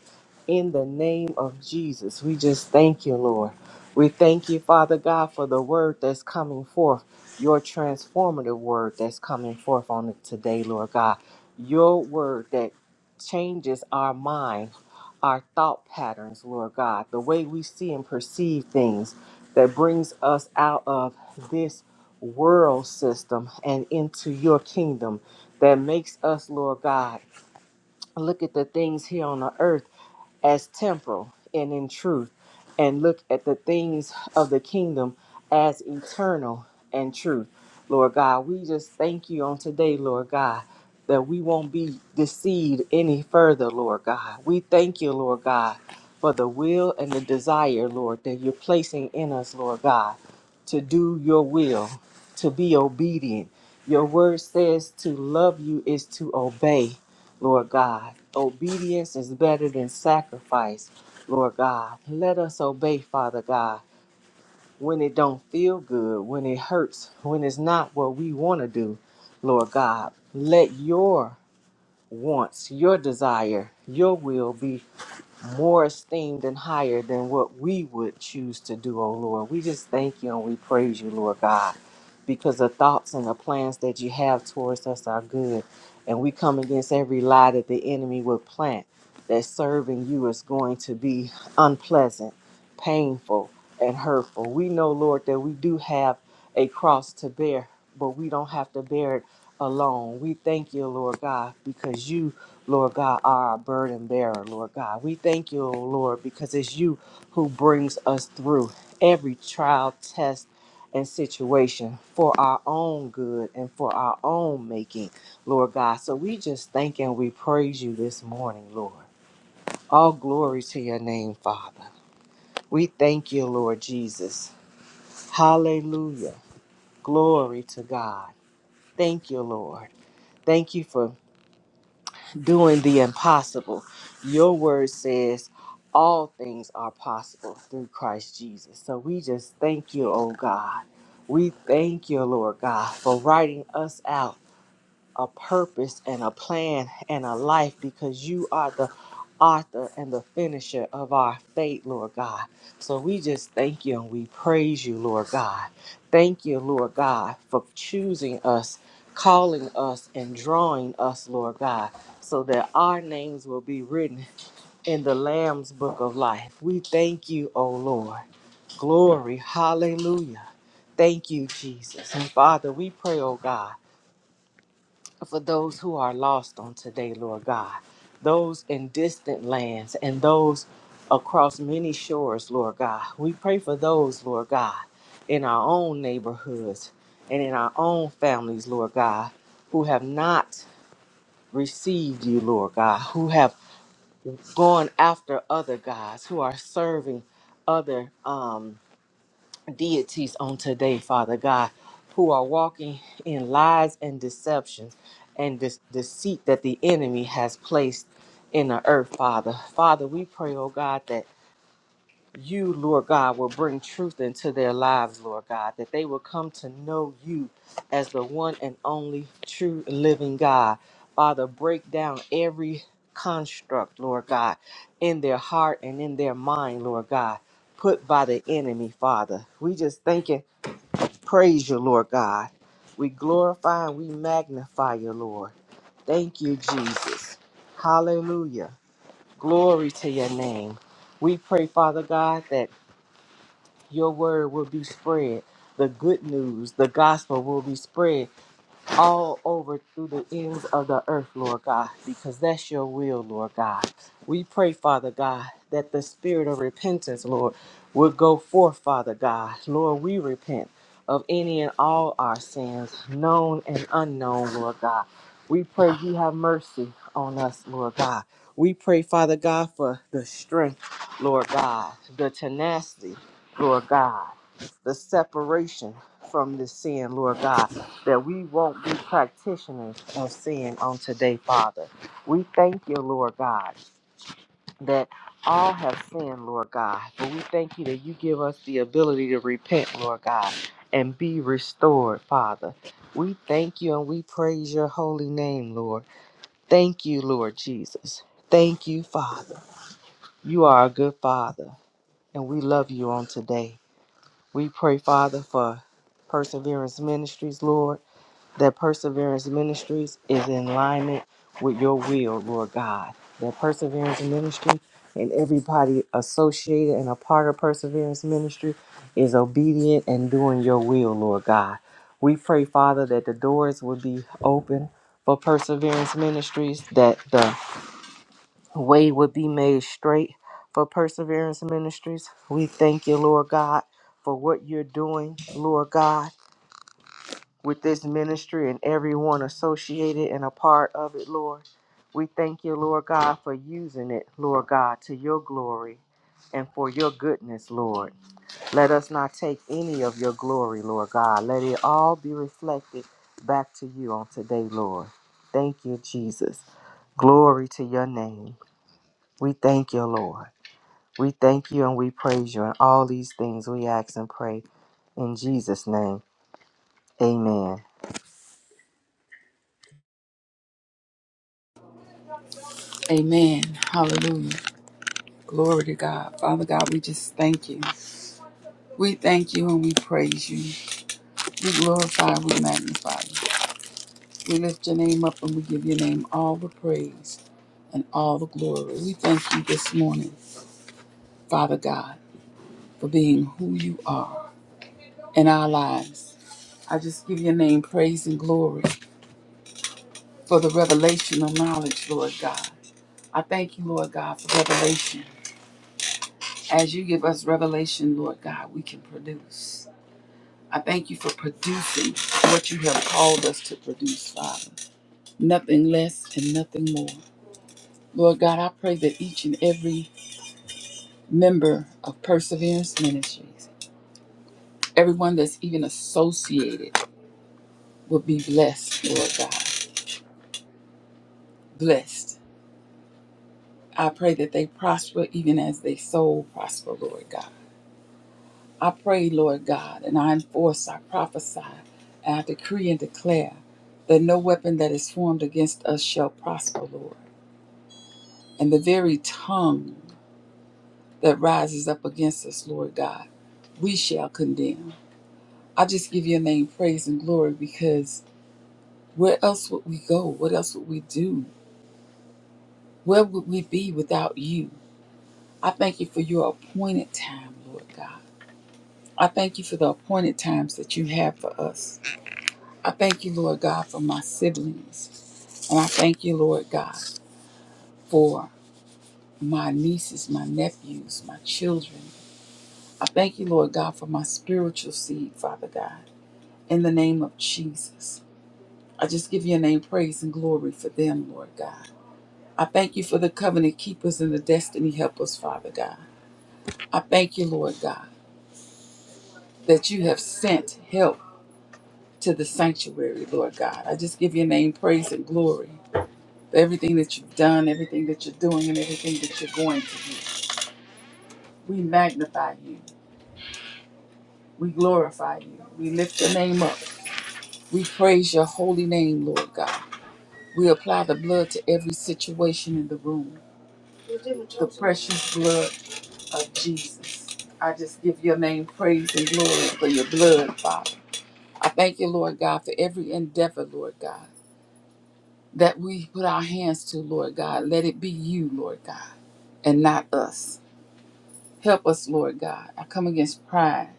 Speaker 1: In the name of Jesus, we just thank you, Lord. We thank you, Father God, for the word that's coming forth, your transformative word that's coming forth on it today, Lord God. Your word that changes our mind, our thought patterns, Lord God, the way we see and perceive things that brings us out of this world system and into your kingdom that makes us, Lord God, look at the things here on the earth as temporal and in truth, and look at the things of the kingdom as eternal and truth. Lord God, we just thank you on today, Lord God, that we won't be deceived any further, Lord God. We thank you, Lord God, for the will and the desire, Lord, that you're placing in us, Lord God, to do your will, to be obedient. Your word says to love you is to obey. Lord God. Obedience is better than sacrifice, Lord God. Let us obey, Father God, when it don't feel good, when it hurts, when it's not what we want to do, Lord God. Let your wants, your desire, your will be more esteemed and higher than what we would choose to do, oh Lord. We just thank you and we praise you, Lord God, because the thoughts and the plans that you have towards us are good. And we come against every lie that the enemy would plant that serving you is going to be unpleasant painful and hurtful. We know, Lord, that we do have a cross to bear, but we don't have to bear it alone. We thank you, Lord God, because you, Lord God, are our burden bearer, Lord God. We thank you, O Lord, because it's you who brings us through every trial, test, and situation for our own good and for our own making, Lord God. So we just thank and we praise you this morning, Lord. All glory to your name, Father. We thank you, Lord Jesus. Hallelujah. Glory to God. Thank you, Lord. Thank you for doing the impossible. Your word says all things are possible through Christ Jesus. So we just thank you, oh God. We thank you, Lord God, for writing us out a purpose and a plan and a life because you are the author and the finisher of our faith, Lord God. So we just thank you and we praise you, Lord God. Thank you, Lord God, for choosing us, calling us, and drawing us, Lord God, so that our names will be written in the Lamb's book of life. We thank you, O Lord. Glory, hallelujah. Thank you, Jesus. And Father, we pray, oh God for those who are lost on today, Lord God, those in distant lands and those across many shores, Lord God. We pray for those, Lord God, in our own neighborhoods and in our own families, Lord God, who have not received you, Lord God, who have gone after other gods, who are serving other. Um, deities on today, Father God, who are walking in lies and deceptions and this deceit that the enemy has placed in the earth, Father. Father, we pray, oh God, that you, Lord God, will bring truth into their lives, Lord God, that they will come to know you as the one and only true living God. Father, break down every construct, Lord God, in their heart and in their mind, Lord God, put by the enemy, Father. We just thank and praise you, Lord God. We glorify and we magnify you, Lord. Thank you, Jesus. Hallelujah. Glory to your name. We pray, Father God, that your word will be spread. The good news, the gospel will be spread all over through the ends of the earth, Lord God, because that's your will, Lord God. We pray, Father God, that the spirit of repentance, Lord, would go forth, Father God. Lord, we repent of any and all our sins, known and unknown, Lord God. We pray you have mercy on us, Lord God. We pray, Father God, for the strength, Lord God, the tenacity, Lord God, the separation from the sin, Lord God that we won't be practitioners of sin on today, Father. We thank you, Lord God, that all have sinned, Lord God. But we thank you that you give us the ability to repent, Lord God, and be restored, Father. We thank you and we praise your holy name, Lord. Thank you, Lord Jesus. Thank you, Father. You are a good Father, and we love you on today. We pray, Father, for Perseverance Ministries, Lord that Perseverance Ministries is in alignment with your will, Lord God. That Perseverance Ministry and everybody associated and a part of Perseverance Ministry is obedient and doing your will, Lord God. We pray, Father, that the doors would be open for Perseverance Ministries, that the way would be made straight for Perseverance Ministries. We thank you, Lord God, for what you're doing, Lord God with this ministry and everyone associated and a part of it, Lord. We thank you, Lord God, for using it, Lord God, to your glory and for your goodness, Lord. Let us not take any of your glory, Lord God. Let it all be reflected back to you on today, Lord. Thank you, Jesus. Glory to your name. We thank you, Lord. We thank you and we praise you. And all these things we ask and pray in Jesus' name. Amen.
Speaker 4: Amen. Hallelujah. Glory to God. Father God, we just thank you. We thank you and we praise you. We glorify, we magnify you. We lift your name up and we give your name all the praise and all the glory. We thank you this morning, Father God, for being who you are in our lives. I just give your name praise and glory for the revelational knowledge, Lord God. I thank you, Lord God, for revelation. As you give us revelation, Lord God, we can produce. I thank you for producing what you have called us to produce, Father. Nothing less and nothing more. Lord God, I pray that each and every member of Perseverance Ministries, everyone that's even associated, will be blessed, Lord God. Blessed. I pray that they prosper even as they soul prosper, Lord God. I pray, Lord God, and I enforce, I prophesy, and I decree and declare that no weapon that is formed against us shall prosper, Lord. and the very tongue that rises up against us, Lord God, we shall condemn. I just give your name praise and glory because where else would we go? What else would we do? Where would we be without you? I thank you for your appointed time, Lord God. I thank you for the appointed times that you have for us. I thank you, Lord God, for my siblings. And I thank you, Lord God, for my nieces, my nephews, my children. I thank you, Lord God, for my spiritual seed, Father God, in the name of Jesus. I just give your name praise and glory for them, Lord God. I thank you for the covenant keepers and the destiny helpers, Father God. I thank you, Lord God, that you have sent help to the sanctuary, Lord God. I just give your name praise and glory for everything that you've done, everything that you're doing, and everything that you're going to do. We magnify you. We glorify you. We lift your name up. We praise your holy name, Lord God. We apply the blood to every situation in the room. The precious blood of Jesus. I just give your name praise and glory for your blood, Father. I thank you, Lord God, for every endeavor, Lord God, that we put our hands to, Lord God. Let it be you, Lord God, and not us. Help us, Lord God. I come against pride.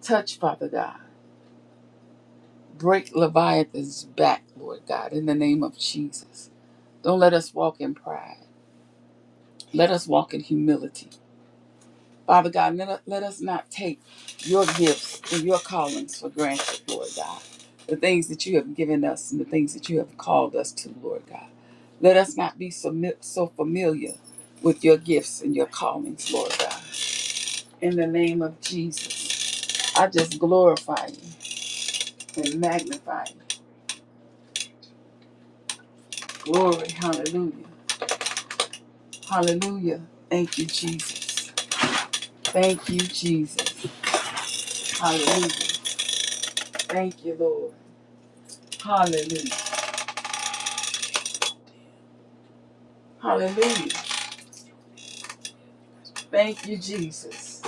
Speaker 4: Touch, Father God. Break Leviathan's back, Lord God, in the name of Jesus. Don't let us walk in pride. Let us walk in humility. Father God, let, let us not take your gifts and your callings for granted, Lord God. The things that you have given us and the things that you have called us to, Lord God. Let us not be so, mi- so familiar with your gifts and your callings, Lord God. In the name of Jesus, I just glorify you and magnify you. Glory, hallelujah. Hallelujah. Thank you, Jesus. Thank you, Jesus. Hallelujah. Thank you, Lord. Hallelujah. Hallelujah. Thank you, Jesus.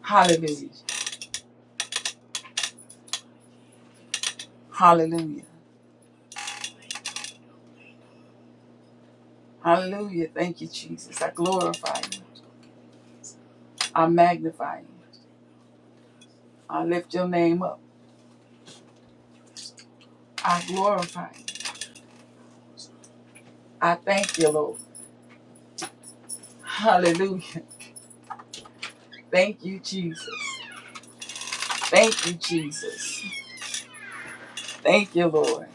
Speaker 4: Hallelujah. Hallelujah. Hallelujah. Thank you, Jesus. I glorify you. I magnify you. I lift your name up. I glorify you. I thank you, Lord. Hallelujah. Thank you, Jesus. Thank you, Jesus. Thank you, Lord.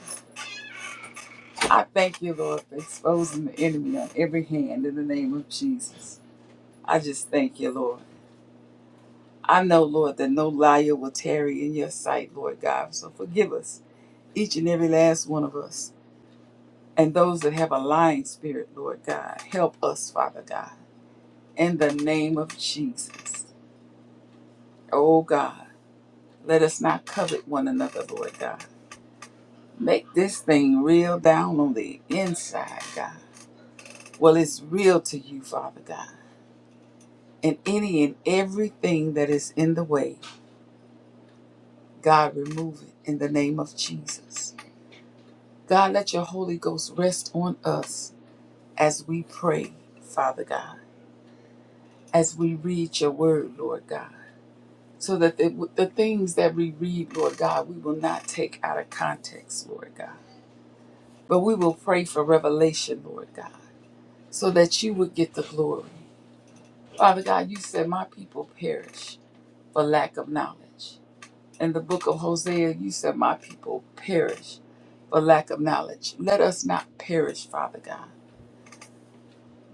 Speaker 4: I thank you, Lord, for exposing the enemy on every hand in the name of Jesus. I just thank you, Lord. I know, Lord, that no liar will tarry in your sight, Lord God. So forgive us, each and every last one of us. and those that have a lying spirit, Lord God. Help us, Father God, in the name of Jesus. Oh God, let us not covet one another, Lord God. Make this thing real down on the inside, God. Well, it's real to you, Father God. And any and everything that is in the way, God, remove it in the name of Jesus. God, let your Holy Ghost rest on us as we pray, Father God, as we read your word, Lord God so that the, the things that we read, Lord God, we will not take out of context, Lord God, but we will pray for revelation, Lord God, so that you would get the glory. Father God, you said, My people perish for lack of knowledge. In the book of Hosea, you said, My people perish for lack of knowledge. Let us not perish, Father God.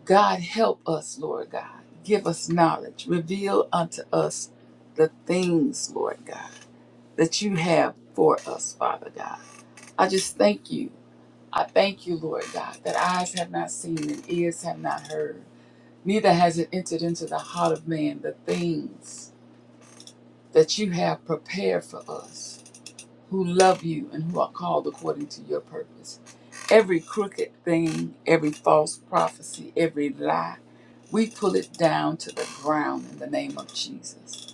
Speaker 4: God, help us, Lord God. Give us knowledge. Reveal unto us the things, Lord God, that you have for us, Father God. I just thank you. I thank you, Lord God, that eyes have not seen and ears have not heard, neither has it entered into the heart of man the things that you have prepared for us who love you and who are called according to your purpose. Every crooked thing, every false prophecy, every lie, we pull it down to the ground in the name of Jesus.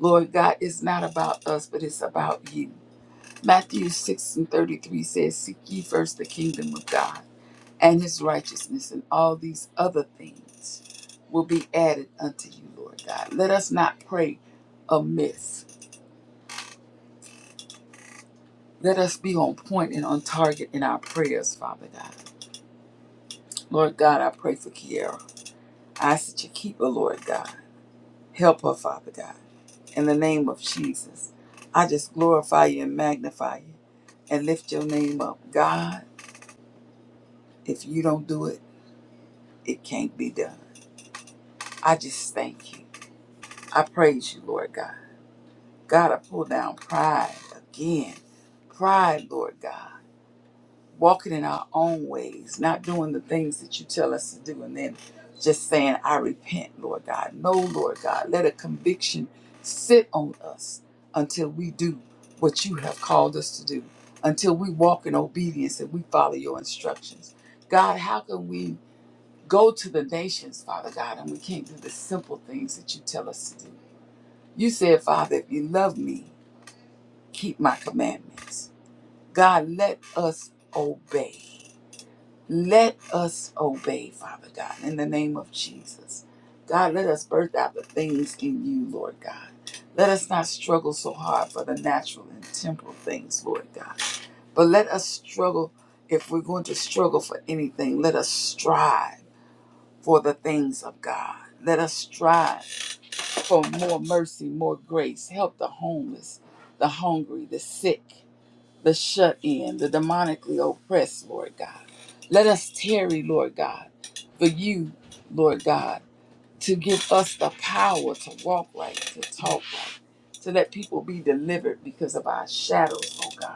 Speaker 4: Lord God, it's not about us, but it's about you. Matthew 6 and 33 says, Seek ye first the kingdom of God and his righteousness and all these other things will be added unto you, Lord God. Let us not pray amiss. Let us be on point and on target in our prayers, Father God. Lord God, I pray for Kiara. I ask that you keep her, Lord God. Help her, Father God. In the name of Jesus, I just glorify you and magnify you and lift your name up. God, if you don't do it, it can't be done. I just thank you. I praise you, Lord God. God, I pull down pride again. Pride, Lord God. Walking in our own ways, not doing the things that you tell us to do, and then just saying, I repent, Lord God. No, Lord God. Let a conviction sit on us until we do what you have called us to do, until we walk in obedience and we follow your instructions. God, how can we go to the nations, Father God, and we can't do the simple things that you tell us to do? You said, Father, if you love me, keep my commandments. God, let us obey. Let us obey, Father God, in the name of Jesus. God, let us birth out the things in you, Lord God. Let us not struggle so hard for the natural and temporal things, Lord God. But let us struggle, if we're going to struggle for anything, let us strive for the things of God. Let us strive for more mercy, more grace. Help the homeless, the hungry, the sick the shut in, the demonically oppressed, Lord God. Let us tarry, Lord God, for you, Lord God, to give us the power to walk right, to talk right, to let people be delivered because of our shadows, oh God.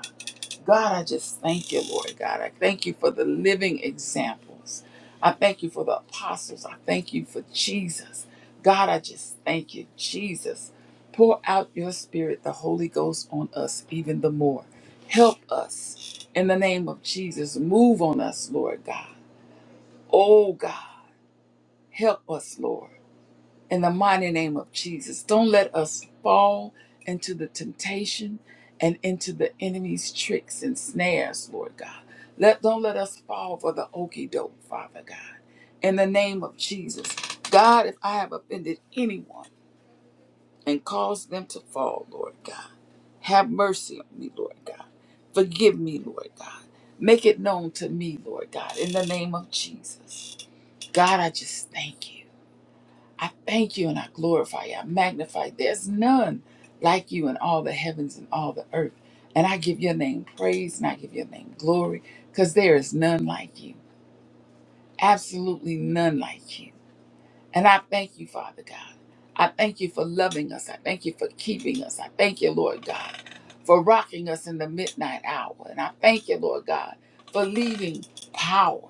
Speaker 4: God, I just thank you, Lord God. I thank you for the living examples. I thank you for the apostles. I thank you for Jesus. God, I just thank you, Jesus. Pour out your spirit, the Holy Ghost, on us even the more. Help us in the name of Jesus. Move on us, Lord God. Oh, God, help us, Lord in the mighty name of Jesus. Don't let us fall into the temptation and into the enemy's tricks and snares, Lord God. Let don't let us fall for the okey doke, Father God. In the name of Jesus. God, if I have offended anyone and caused them to fall, Lord God, have mercy on me, Lord God. Forgive me, Lord God. Make it known to me, Lord God, in the name of Jesus. God, I just thank you. I thank you and I glorify you. I magnify. you. There's none like you in all the heavens and all the earth. And I give your name praise and I give your name glory because there is none like you. Absolutely none like you. And I thank you, Father God. I thank you for loving us. I thank you for keeping us. I thank you, Lord God, for rocking us in the midnight hour. And I thank you, Lord God, for leaving power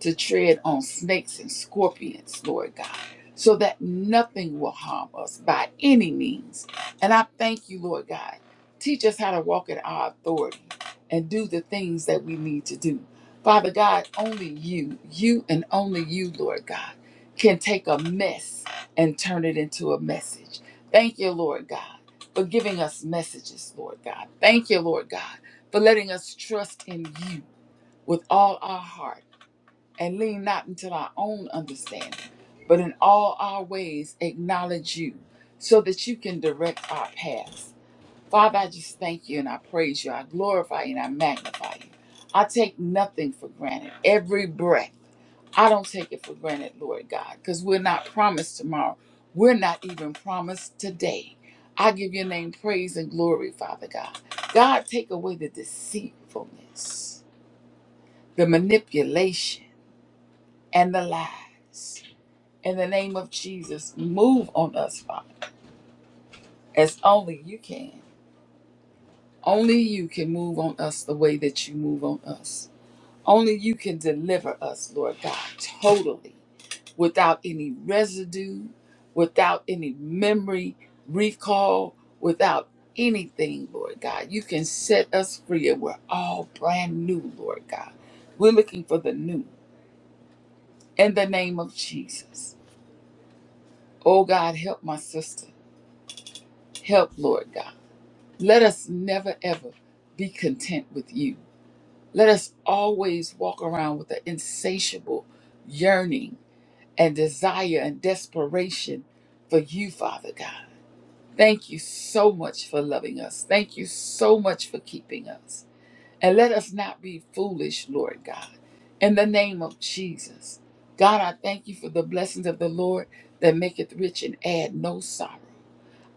Speaker 4: to tread on snakes and scorpions, Lord God, so that nothing will harm us by any means. And I thank you, Lord God. Teach us how to walk in our authority and do the things that we need to do. Father God, only you, you and only you, Lord God, can take a mess and turn it into a message. Thank you, Lord God, for giving us messages, Lord God. Thank you, Lord God, for letting us trust in you with all our heart and lean not unto our own understanding, but in all our ways acknowledge you so that you can direct our paths. Father, I just thank you and I praise you. I glorify you and I magnify you. I take nothing for granted. Every breath, I don't take it for granted, Lord God, because we're not promised tomorrow. We're not even promised today. I give your name praise and glory, Father God. God, take away the deceitfulness, the manipulation and the lies. In the name of Jesus, move on us, Father, as only you can. Only you can move on us the way that you move on us. Only you can deliver us, Lord God, totally, without any residue, without any memory recall, without anything, Lord God. You can set us free, and we're all brand new, Lord God. We're looking for the new in the name of Jesus. Oh God, help my sisters. Help, Lord God. Let us never, ever be content with you. Let us always walk around with an insatiable yearning and desire and desperation for you, Father God. Thank you so much for loving us. Thank you so much for keeping us. And let us not be foolish, Lord God. In the name of Jesus. God, I thank you for the blessings of the Lord that maketh rich and add no sorrow.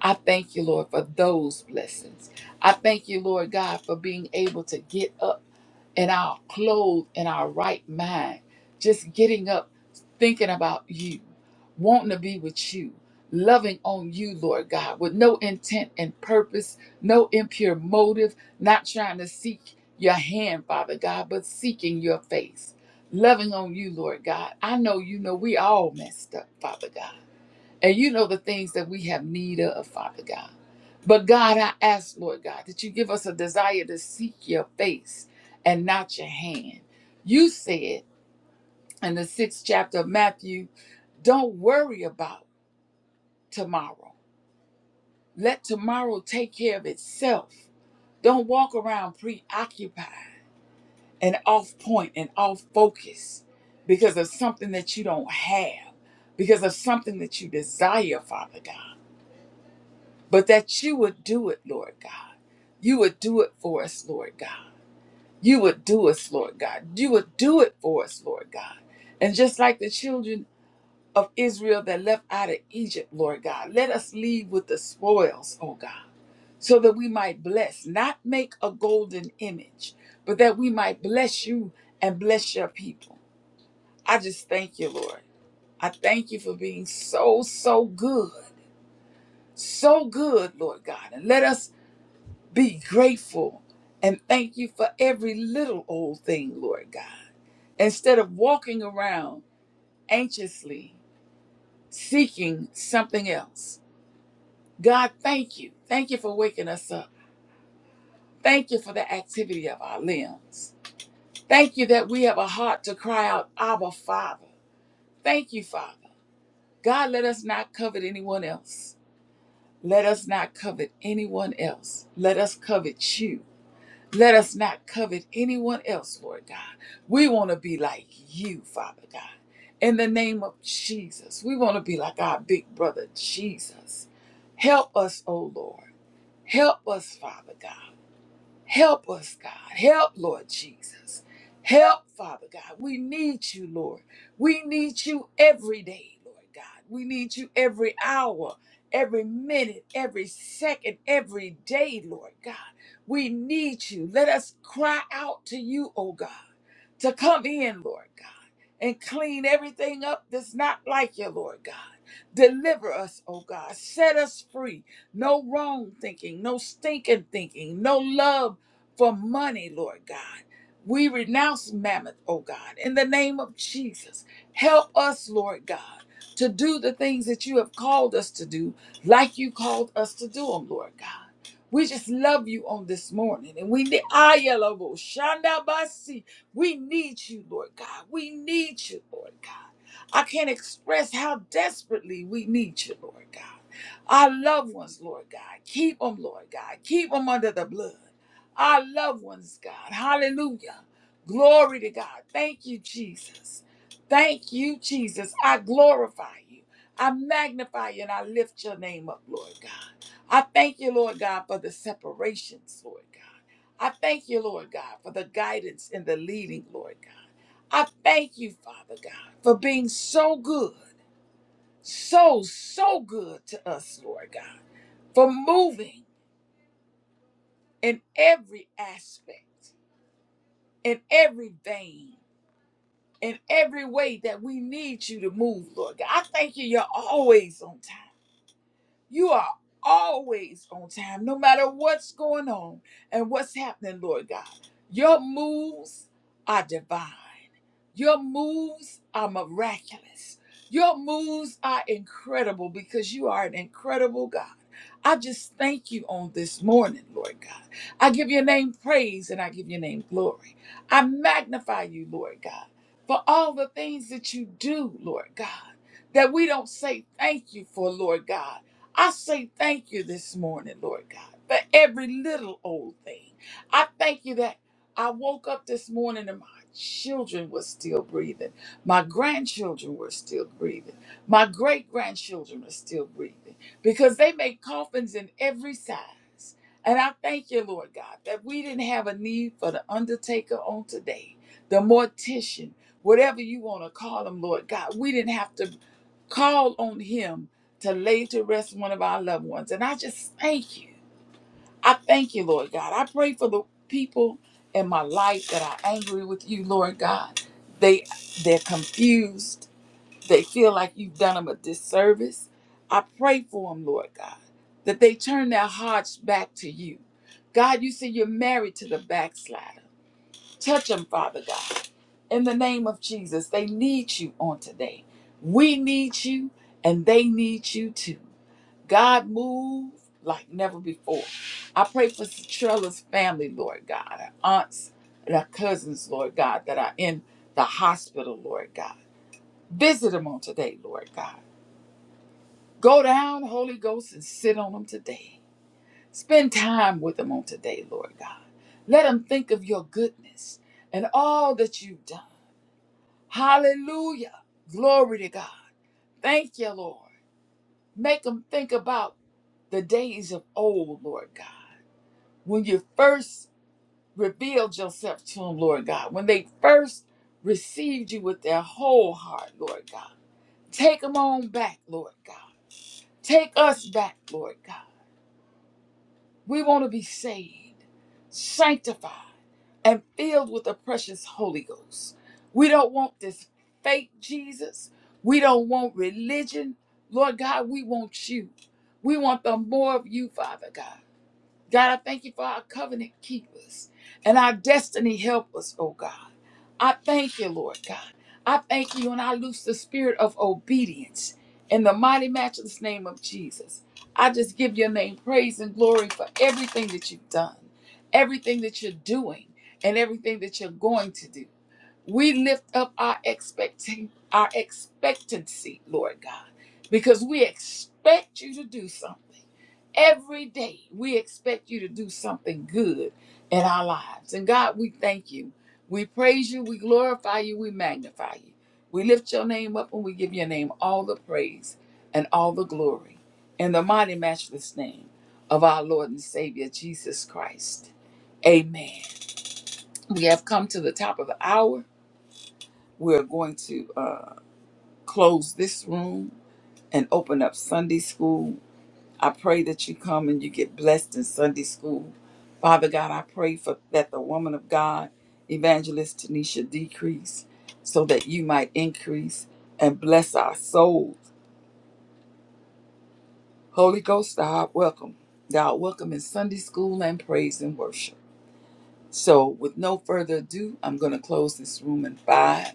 Speaker 4: I thank you, Lord, for those blessings. I thank you, Lord God, for being able to get up in our clothes, in our right mind, just getting up, thinking about you, wanting to be with you, loving on you, Lord God, with no intent and purpose, no impure motive, not trying to seek your hand, Father God, but seeking your face. Loving on you, Lord God. I know you know we all messed up, Father God. And you know the things that we have need of, Father God. But God, I ask, Lord God, that you give us a desire to seek your face and not your hand. You said in the sixth chapter of Matthew, don't worry about tomorrow. Let tomorrow take care of itself. Don't walk around preoccupied and off point and off focus because of something that you don't have, because of something that you desire, Father God. but that you would do it, Lord God. You would do it for us, Lord God. You would do us, Lord God. You would do it for us, Lord God. And just like the children of Israel that left out of Egypt, Lord God, let us leave with the spoils, oh God, so that we might bless, not make a golden image, but that we might bless you and bless your people. I just thank you, Lord. I thank you for being so, so good. So good, Lord God. And let us Be grateful and thank you for every little old thing, Lord God. Instead of walking around anxiously seeking something else, God, thank you. Thank you for waking us up. Thank you for the activity of our limbs. Thank you that we have a heart to cry out, Abba, Father. Thank you, Father. God, let us not covet anyone else. Let us not covet anyone else. Let us covet you. Let us not covet anyone else, Lord God. We want to be like you, Father God. In the name of Jesus, we want to be like our big brother Jesus. Help us, O Lord. Help us, Father God. Help us, God. Help, Lord Jesus. Help, Father God. We need you, Lord. We need you every day, Lord God. We need you every hour, every minute, every second, every day, Lord God. We need you. Let us cry out to you, oh God, to come in, Lord God, and clean everything up that's not like you, Lord God. Deliver us, oh God. Set us free no wrong thinking, no stinking thinking, no love for money, Lord God. We renounce mammoth, oh God, in the name of Jesus. Help us, Lord God, to do the things that you have called us to do, like you called us to do them, Lord God. We just love you on this morning, and we need Ayalabo, Shandabasi. We need you, Lord God. We need you, Lord God. I can't express how desperately we need you, Lord God. Our loved ones, Lord God, keep them, Lord God. Keep them under the blood. Our loved ones, God. Hallelujah. Glory to God. Thank you, Jesus. Thank you, Jesus. I glorify you. I magnify you and I lift your name up, Lord God. I thank you, Lord God, for the separations, Lord God. I thank you, Lord God, for the guidance and the leading, Lord God. I thank you, Father God, for being so good so, so good to us, Lord God, for moving in every aspect, in every vein, in every way that we need you to move, Lord God. I thank you, you're always on time. You are always on time, no matter what's going on and what's happening, Lord God. Your moves are divine, your moves are miraculous, your moves are incredible because you are an incredible God. I just thank you on this morning, Lord God. I give your name praise and I give your name glory. I magnify you, Lord God, for all the things that you do, Lord God, that we don't say thank you for, Lord God I say thank you this morning, Lord God, for every little old thing. I thank you that I woke up this morning and my children were still breathing. My grandchildren were still breathing. My great grandchildren are still breathing because they make coffins in every size. And I thank you, Lord God, that we didn't have a need for the undertaker on today, the mortician, whatever you want to call him, Lord God. We didn't have to call on him to lay to rest one of our loved ones. And I just thank you. I thank you, Lord God. I pray for the people in my life that are angry with you, Lord God. They they're confused. They feel like you've done them a disservice. I pray for them, Lord God, that they turn their hearts back to you. God, you see, you're married to the backslider. Touch them, Father God. In the name of Jesus, they need you on today. We need you, and they need you too. God moved like never before. I pray for Trella's family, Lord God, her aunts and her cousins, Lord God, that are in the hospital, Lord God. Visit them on today, Lord God. Go down, Holy Ghost, and sit on them today. Spend time with them on today, Lord God. Let them think of your goodness and all that you've done. Hallelujah. Glory to God. Thank you, Lord. Make them think about the days of old, Lord God when you first revealed yourself to them, Lord God, when they first received you with their whole heart, Lord God. Take them on back, Lord God. Take us back, Lord God. We want to be saved, sanctified, and filled with the precious Holy Ghost. We don't want this fake Jesus. We don't want religion. Lord God, we want you. We want the more of you, Father God. God, I thank you for our covenant keepers and our destiny helpers, oh God. I thank you, Lord God. I thank you and I loose the spirit of obedience in the mighty matchless name of Jesus. I just give your name praise and glory for everything that you've done, everything that you're doing, and everything that you're going to do. We lift up our expecting our expectancy, Lord God, because we expect you to do something. Every day we expect you to do something good in our lives. And God, we thank you. We praise you, we glorify you, we magnify you. We lift your name up and we give your name all the praise and all the glory in the mighty matchless name of our Lord and Savior Jesus Christ. Amen. We have come to the top of the hour we're going to uh, close this room and open up Sunday school. I pray that you come and you get blessed in Sunday school. Father God, I pray for that the woman of God, Evangelist Tanisha, decrease so that you might increase and bless our souls. Holy Ghost, thou art welcome. Thou art welcome in Sunday school and praise and worship. So, with no further ado, I'm going to close this room in five,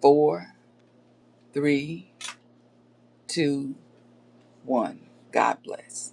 Speaker 4: four, three, two one. God bless.